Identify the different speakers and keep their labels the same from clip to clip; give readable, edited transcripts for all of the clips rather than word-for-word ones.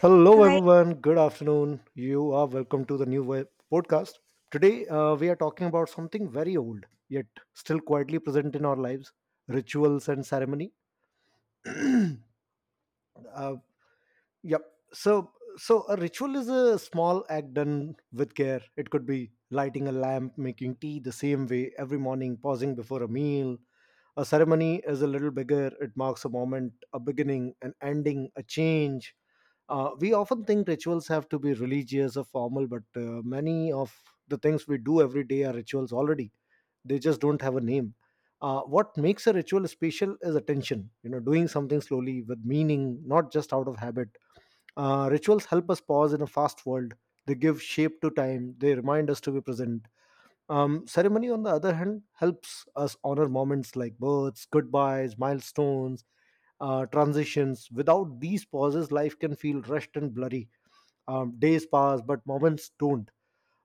Speaker 1: Hello,
Speaker 2: Hi.
Speaker 1: everyone. Good afternoon. You are welcome to the new web podcast. Today, we are talking about something very old, yet still quietly present in our lives, rituals and ceremony. Uh, Yep. So a ritual is a small act done with care. It could be lighting a lamp, making tea the same way every morning, pausing before a meal. A ceremony is a little bigger. It marks a moment, a beginning, an ending, a change. We often think rituals have to be religious or formal, but many of the things we do every day are rituals already. They just don't have a name. What makes a ritual special is attention. You know, doing something slowly with meaning, not just out of habit. Rituals help us pause in a fast world. They give shape to time. They remind us to be present. Ceremony, on the other hand, helps us honor moments like births, goodbyes, milestones, transitions. Without these pauses, life can feel rushed and blurry. Days pass, but moments don't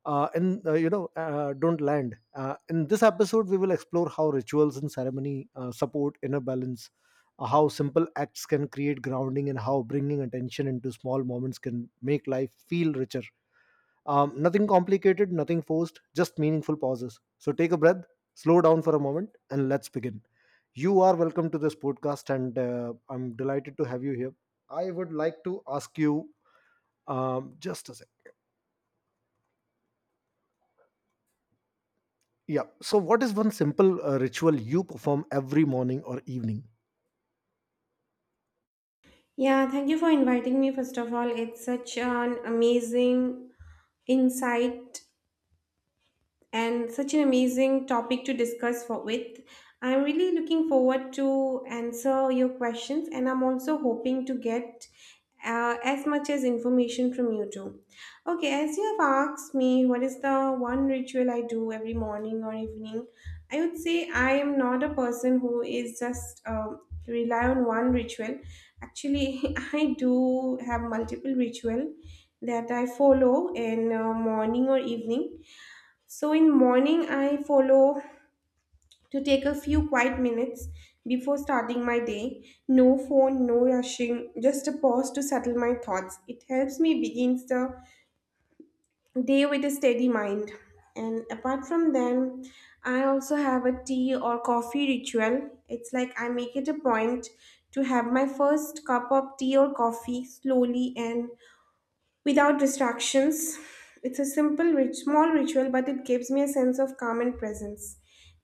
Speaker 1: and you know don't land. In this episode we will explore how rituals and ceremony support inner balance, how simple acts can create grounding, and how bringing attention into small moments can make life feel richer. Nothing complicated, nothing forced, just meaningful pauses. So take a breath, slow down for a moment, and let's begin. You are welcome to this podcast, and I'm delighted to have you here. I would like to ask you, just a second. Yeah. So, what is one simple ritual you perform every morning or evening?
Speaker 2: Yeah, thank you for inviting me. First of all, it's such an amazing insight and such an amazing topic to discuss for with. I'm really looking forward to answer your questions and I'm also hoping to get as much as information from you too. Okay, as you have asked me, what is the one ritual I do every morning or evening? I would say I am not a person who is just rely on one ritual. Actually, I do have multiple ritual that I follow in morning or evening. So in morning, I follow to take a few quiet minutes before starting my day. No phone, no rushing, just a pause to settle my thoughts. It helps me begin the day with a steady mind. And apart from them, I also have a tea or coffee ritual. It's like I make it a point to have my first cup of tea or coffee slowly and without distractions. It's a simple, rich, small ritual, but it gives me a sense of calm and presence.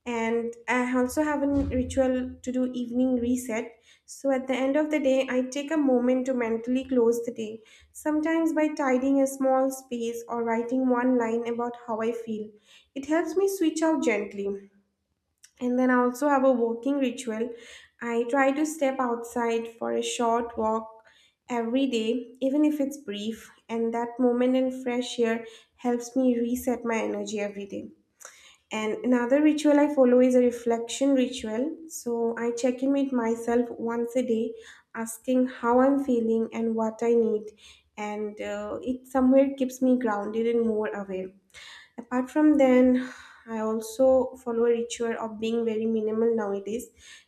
Speaker 2: And I also have a ritual to do evening reset. So at the end of the day, I take a moment to mentally close the day, sometimes by tidying a small space or writing one line about how I feel. It helps me switch out gently. And then I also have a walking ritual. I try to step outside for a short walk every day, even if it's brief, and that moment in fresh air helps me reset my energy every day. And another ritual I follow is a reflection ritual. So I check in with myself once a day, asking how I'm feeling and what I need. And it somewhere keeps me grounded and more aware. Apart from then, I also follow a ritual of being very minimal nowadays.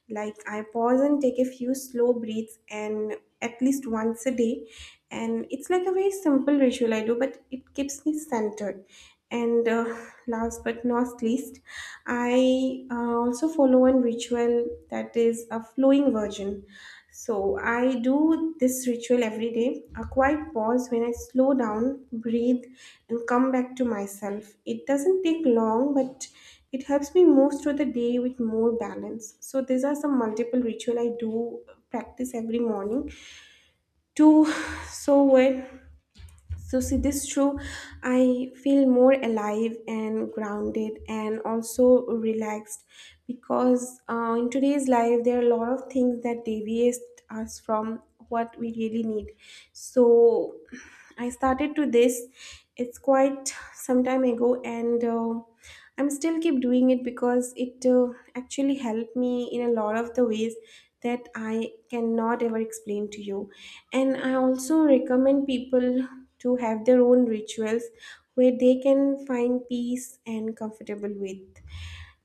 Speaker 2: Like I pause and take a few slow breaths and at least once a day, and it's like a very simple ritual I do, but it keeps me centered. And Last but not least, I also follow one ritual that is a flowing version. So I do this ritual every day, a quiet pause when I slow down, breathe, and come back to myself. It doesn't take long, but it helps me move through the day with more balance. So these are some multiple ritual I do practice every morning to so when. So, see, this show, I feel more alive and grounded and also relaxed because in today's life, there are a lot of things that deviate us from what we really need. So, I started to this, it's quite some time ago, and I'm still keep doing it because it actually helped me in a lot of the ways that I cannot ever explain to you. And I also recommend people to have their own rituals where they can find peace and comfortable with.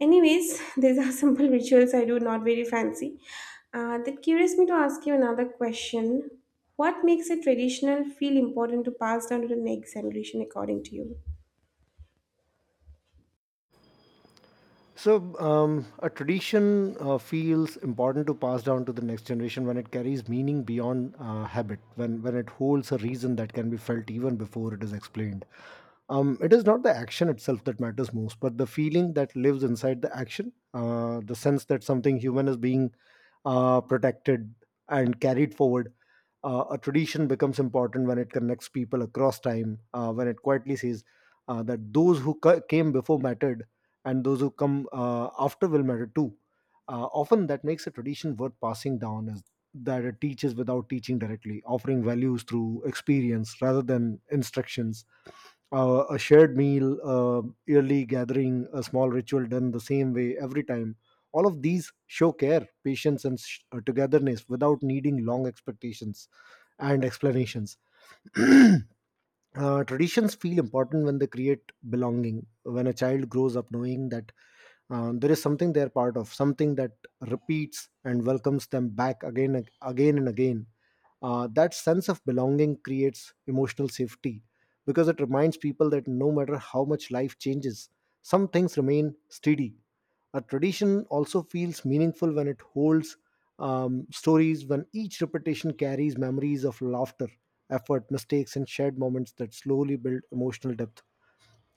Speaker 2: Anyways, these are simple rituals I do, not very fancy. That curious me to ask you another question. What makes a traditional feel important to pass down to the next generation according to you?
Speaker 1: So, a tradition feels important to pass down to the next generation when it carries meaning beyond habit, when it holds a reason that can be felt even before it is explained. It is not the action itself that matters most, but the feeling that lives inside the action, the sense that something human is being protected and carried forward. A tradition becomes important when it connects people across time, when it quietly says that those came before mattered, and those who come after will matter too. Often that makes a tradition worth passing down is that it teaches without teaching directly, offering values through experience rather than instructions. A shared meal, yearly gathering, a small ritual done the same way every time. All of these show care, patience, and togetherness without needing long expectations and explanations. uh, Traditions feel important when they create belonging, when a child grows up knowing that there is something they're part of, something that repeats and welcomes them back again, and again and again. That sense of belonging creates emotional safety because it reminds people that no matter how much life changes, some things remain steady. A tradition also feels meaningful when it holds stories, when each repetition carries memories of laughter, effort, mistakes, and shared moments that slowly build emotional depth.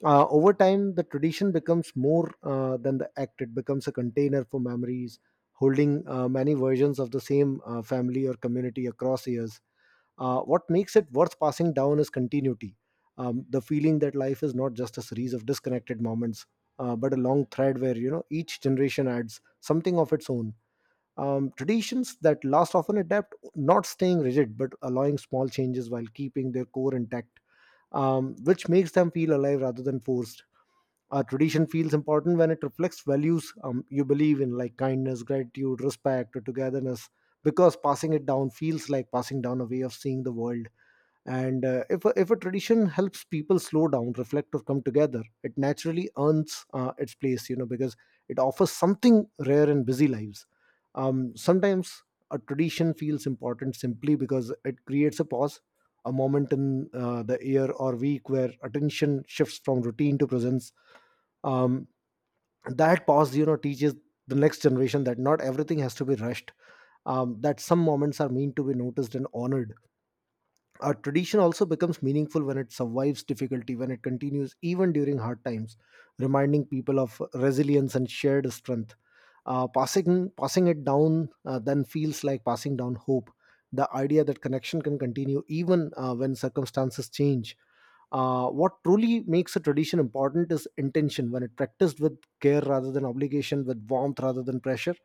Speaker 1: Over time the tradition becomes more than the act. It becomes a container for memories, holding many versions of the same family or community across years. What makes it worth passing down is continuity, the feeling that life is not just a series of disconnected moments, but a long thread where, you know, each generation adds something of its own. Traditions that last often adapt, not staying rigid but allowing small changes while keeping their core intact, which makes them feel alive rather than forced. A tradition feels important when it reflects values you believe in, like kindness, gratitude, respect, or togetherness, because passing it down feels like passing down a way of seeing the world. And if a tradition helps people slow down, reflect, or come together, it naturally earns its place, you know, because it offers something rare in busy lives. Sometimes a tradition feels important simply because it creates a pause, a moment in the year or week where attention shifts from routine to presence. um, that pause, you know, teaches the next generation that not everything has to be rushed, that some moments are meant to be noticed and honored. Our tradition also becomes meaningful when it survives difficulty, when it continues even during hard times, reminding people of resilience and shared strength. Passing it down then feels like passing down hope. The idea that connection can continue even when circumstances change. What truly makes a tradition important is intention, when it practiced with care rather than obligation, with warmth rather than pressure.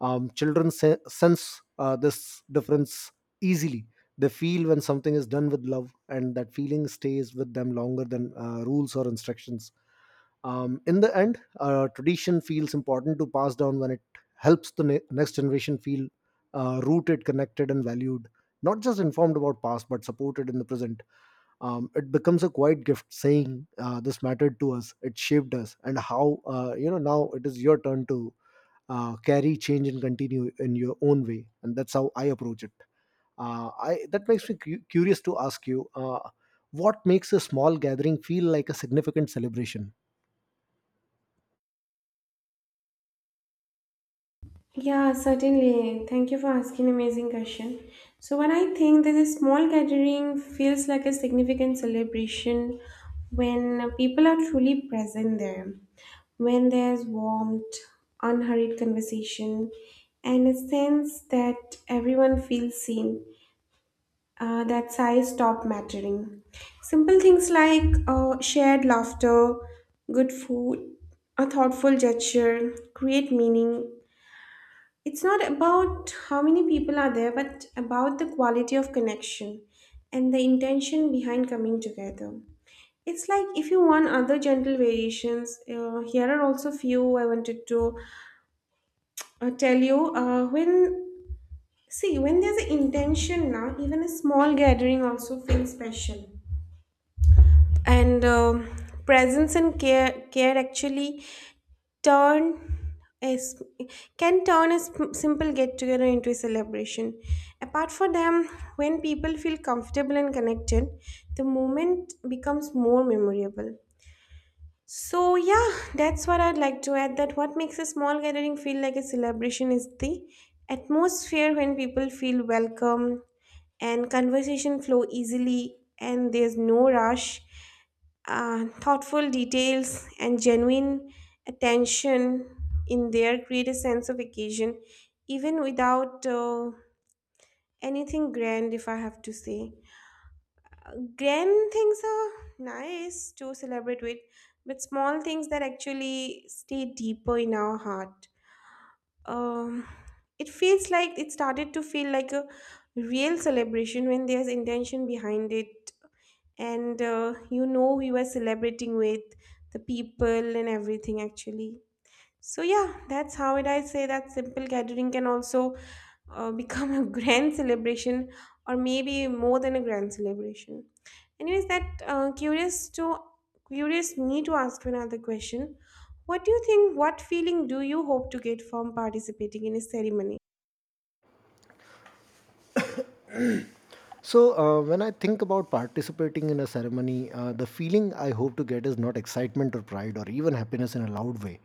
Speaker 1: Children sense this difference easily. They feel when something is done with love, and that feeling stays with them longer than rules or instructions. In the end, tradition feels important to pass down when it helps the next generation feel rooted, connected, and valued, not just informed about past but supported in the present. It becomes a quiet gift, saying this mattered to us, it shaped us, and how, you know, now it is your turn to carry, change, and continue in your own way. And that's how I approach it. I That makes me curious to ask you, what makes a small gathering feel like a significant celebration?
Speaker 2: Yeah, certainly. Thank you for asking amazing question. So when I think that a small gathering feels like a significant celebration, when people are truly present there, when there's warmth, unhurried conversation, and a sense that everyone feels seen, that size stop mattering. Simple things like shared laughter, good food, a thoughtful gesture create meaning. It's not about how many people are there, but about the quality of connection and the intention behind coming together. It's like if you want other gentle variations, here are also few I wanted to tell you. When see when there's an intention now, even a small gathering also feels special. And presence and care actually turn is can turn a simple get together into a celebration. Apart from them, when people feel comfortable and connected, the moment becomes more memorable. So yeah, that's what I'd like to add, that what makes a small gathering feel like a celebration is the atmosphere, when people feel welcome and conversation flow easily and there's no rush. Uh, thoughtful details and genuine attention in there create a sense of occasion, even without anything grand. If I have to say, grand things are nice to celebrate with, but small things that actually stay deeper in our heart. Um, it feels like it started to feel like a real celebration when there's intention behind it, and you know, we were celebrating with the people and everything actually. So yeah, that's how it, I say that simple gathering can also become a grand celebration, or maybe more than a grand celebration. Anyways, that curious me to ask you another question. What do you think, what feeling do you hope to get from participating in a ceremony?
Speaker 1: So, when I think about participating in a ceremony, the feeling I hope to get is not excitement or pride or even happiness in a loud way.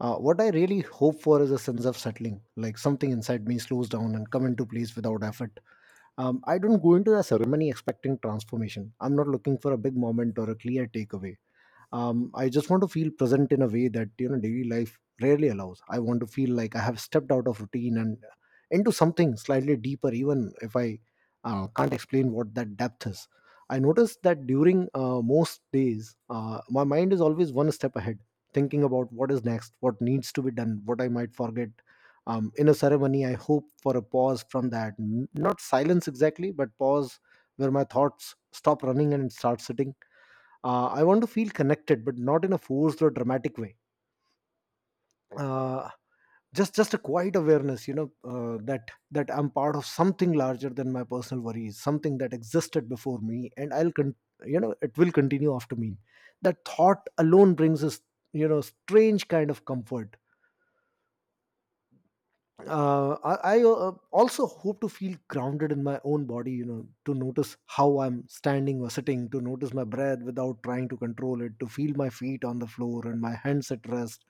Speaker 1: What I really hope for is a sense of settling, like something inside me slows down and come into place without effort. I don't go into the ceremony expecting transformation. I'm not looking for a big moment or a clear takeaway. I just want to feel present in a way that, you know, daily life rarely allows. I want to feel like I have stepped out of routine and into something slightly deeper, even if I can't explain what that depth is. I noticed that during most days my mind is always one step ahead, thinking about what is next, what needs to be done, what I might forget. In a ceremony I hope for a pause from that. Not silence exactly, but pause, where my thoughts stop running and start sitting. I want to feel connected, but not in a forced or dramatic way, uh, just a quiet awareness, you know, that I'm part of something larger than my personal worries, something that existed before me and you know, it will continue after me. That thought alone brings us, you know, strange kind of comfort. I also hope to feel grounded in my own body, you know, to notice how I'm standing or sitting, to notice my breath without trying to control it, to feel my feet on the floor and my hands at rest.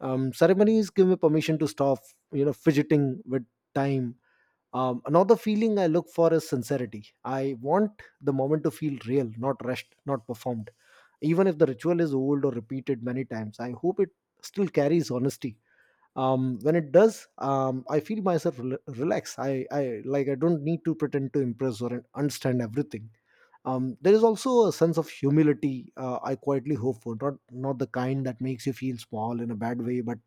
Speaker 1: Ceremonies give me permission to stop, you know, fidgeting with time. Another feeling I look for is sincerity. I want the moment to feel real, not rushed, not performed. Even if the ritual is old or repeated many times, I hope it still carries honesty. When it does, I feel myself rel- relax. I Like, I don't need to pretend to impress or understand everything. There is also a sense of humility I quietly hope for, not the kind that makes you feel small in a bad way, but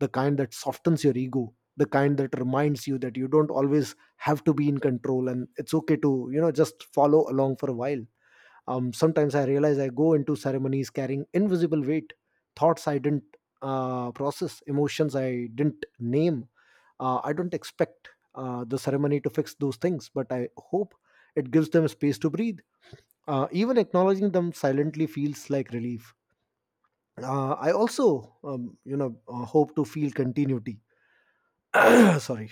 Speaker 1: the kind that softens your ego, the kind that reminds you that you don't always have to be in control, and it's okay to, you know, just follow along for a while. Sometimes I realize I go into ceremonies carrying invisible weight, thoughts I didn't process, emotions I didn't name. I don't expect the ceremony to fix those things, but I hope it gives them space to breathe. Even acknowledging them silently feels like relief. I also hope to feel continuity. Sorry.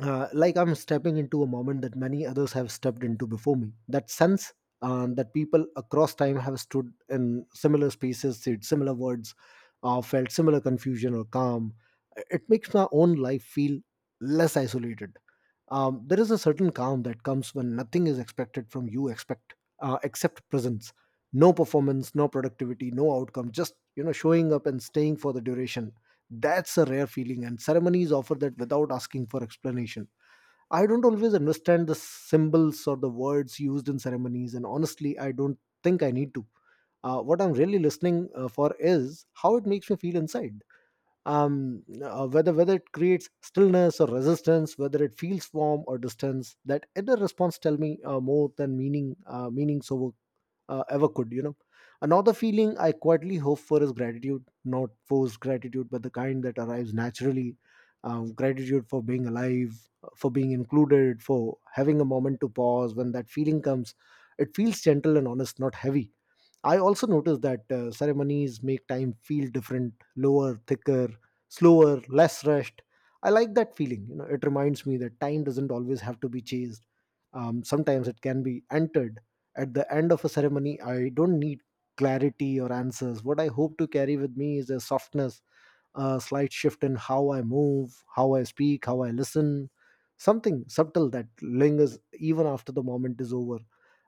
Speaker 1: Like I'm stepping into a moment that many others have stepped into before me. That sense, that people across time have stood in similar spaces, said similar words, felt similar confusion or calm, it makes my own life feel less isolated. There is a certain calm that comes when nothing is expected from you expect, except presence, no performance, no productivity, no outcome, just, you know, showing up and staying for the duration. That's a rare feeling, and ceremonies offer that without asking for explanation. I don't always understand the symbols or the words used in ceremonies, and honestly I don't think I need to. What I'm really listening for is how it makes me feel inside. Whether it creates stillness or resistance, whether it feels warm or distance. That inner response tell me more than meanings over ever could. You know, another feeling I quietly hope for is gratitude, not forced gratitude, but the kind that arrives naturally. Gratitude for being alive, for being included, for having a moment to pause. When that feeling comes, it feels gentle and honest, not heavy. I also noticed that ceremonies make time feel different, lower, thicker, slower, less rushed. I like that feeling. You know, it reminds me that time doesn't always have to be chased. Sometimes it can be entered. At the end of a ceremony, I don't need clarity or answers. What I hope to carry with me is a softness, a slight shift in how I move, how I speak, how I listen. Something subtle that lingers even after the moment is over.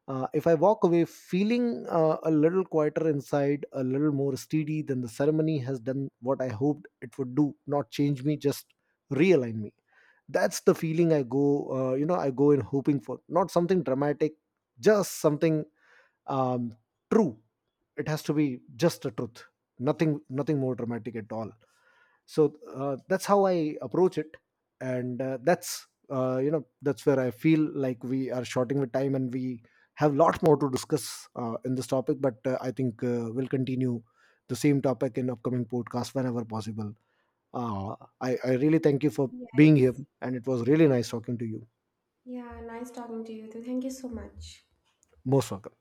Speaker 1: If I walk away feeling a little quieter inside, a little more steady, then the ceremony has done what I hoped it would do, not change me, just realign me. That's the feeling I go, I go in hoping for. Not something dramatic, just something, um, true. It has to be just the truth, nothing more dramatic at all. So that's how I approach it. And that's you know, that's where I feel like we are shorting with time, and we have lot more to discuss in this topic, but I think we'll continue the same topic in upcoming podcast whenever possible. Uh, I, I really thank you for being
Speaker 2: Yes.
Speaker 1: here, and it was really nice talking to you.
Speaker 2: Yeah, nice talking to you too. Thank you so much.
Speaker 1: Most welcome.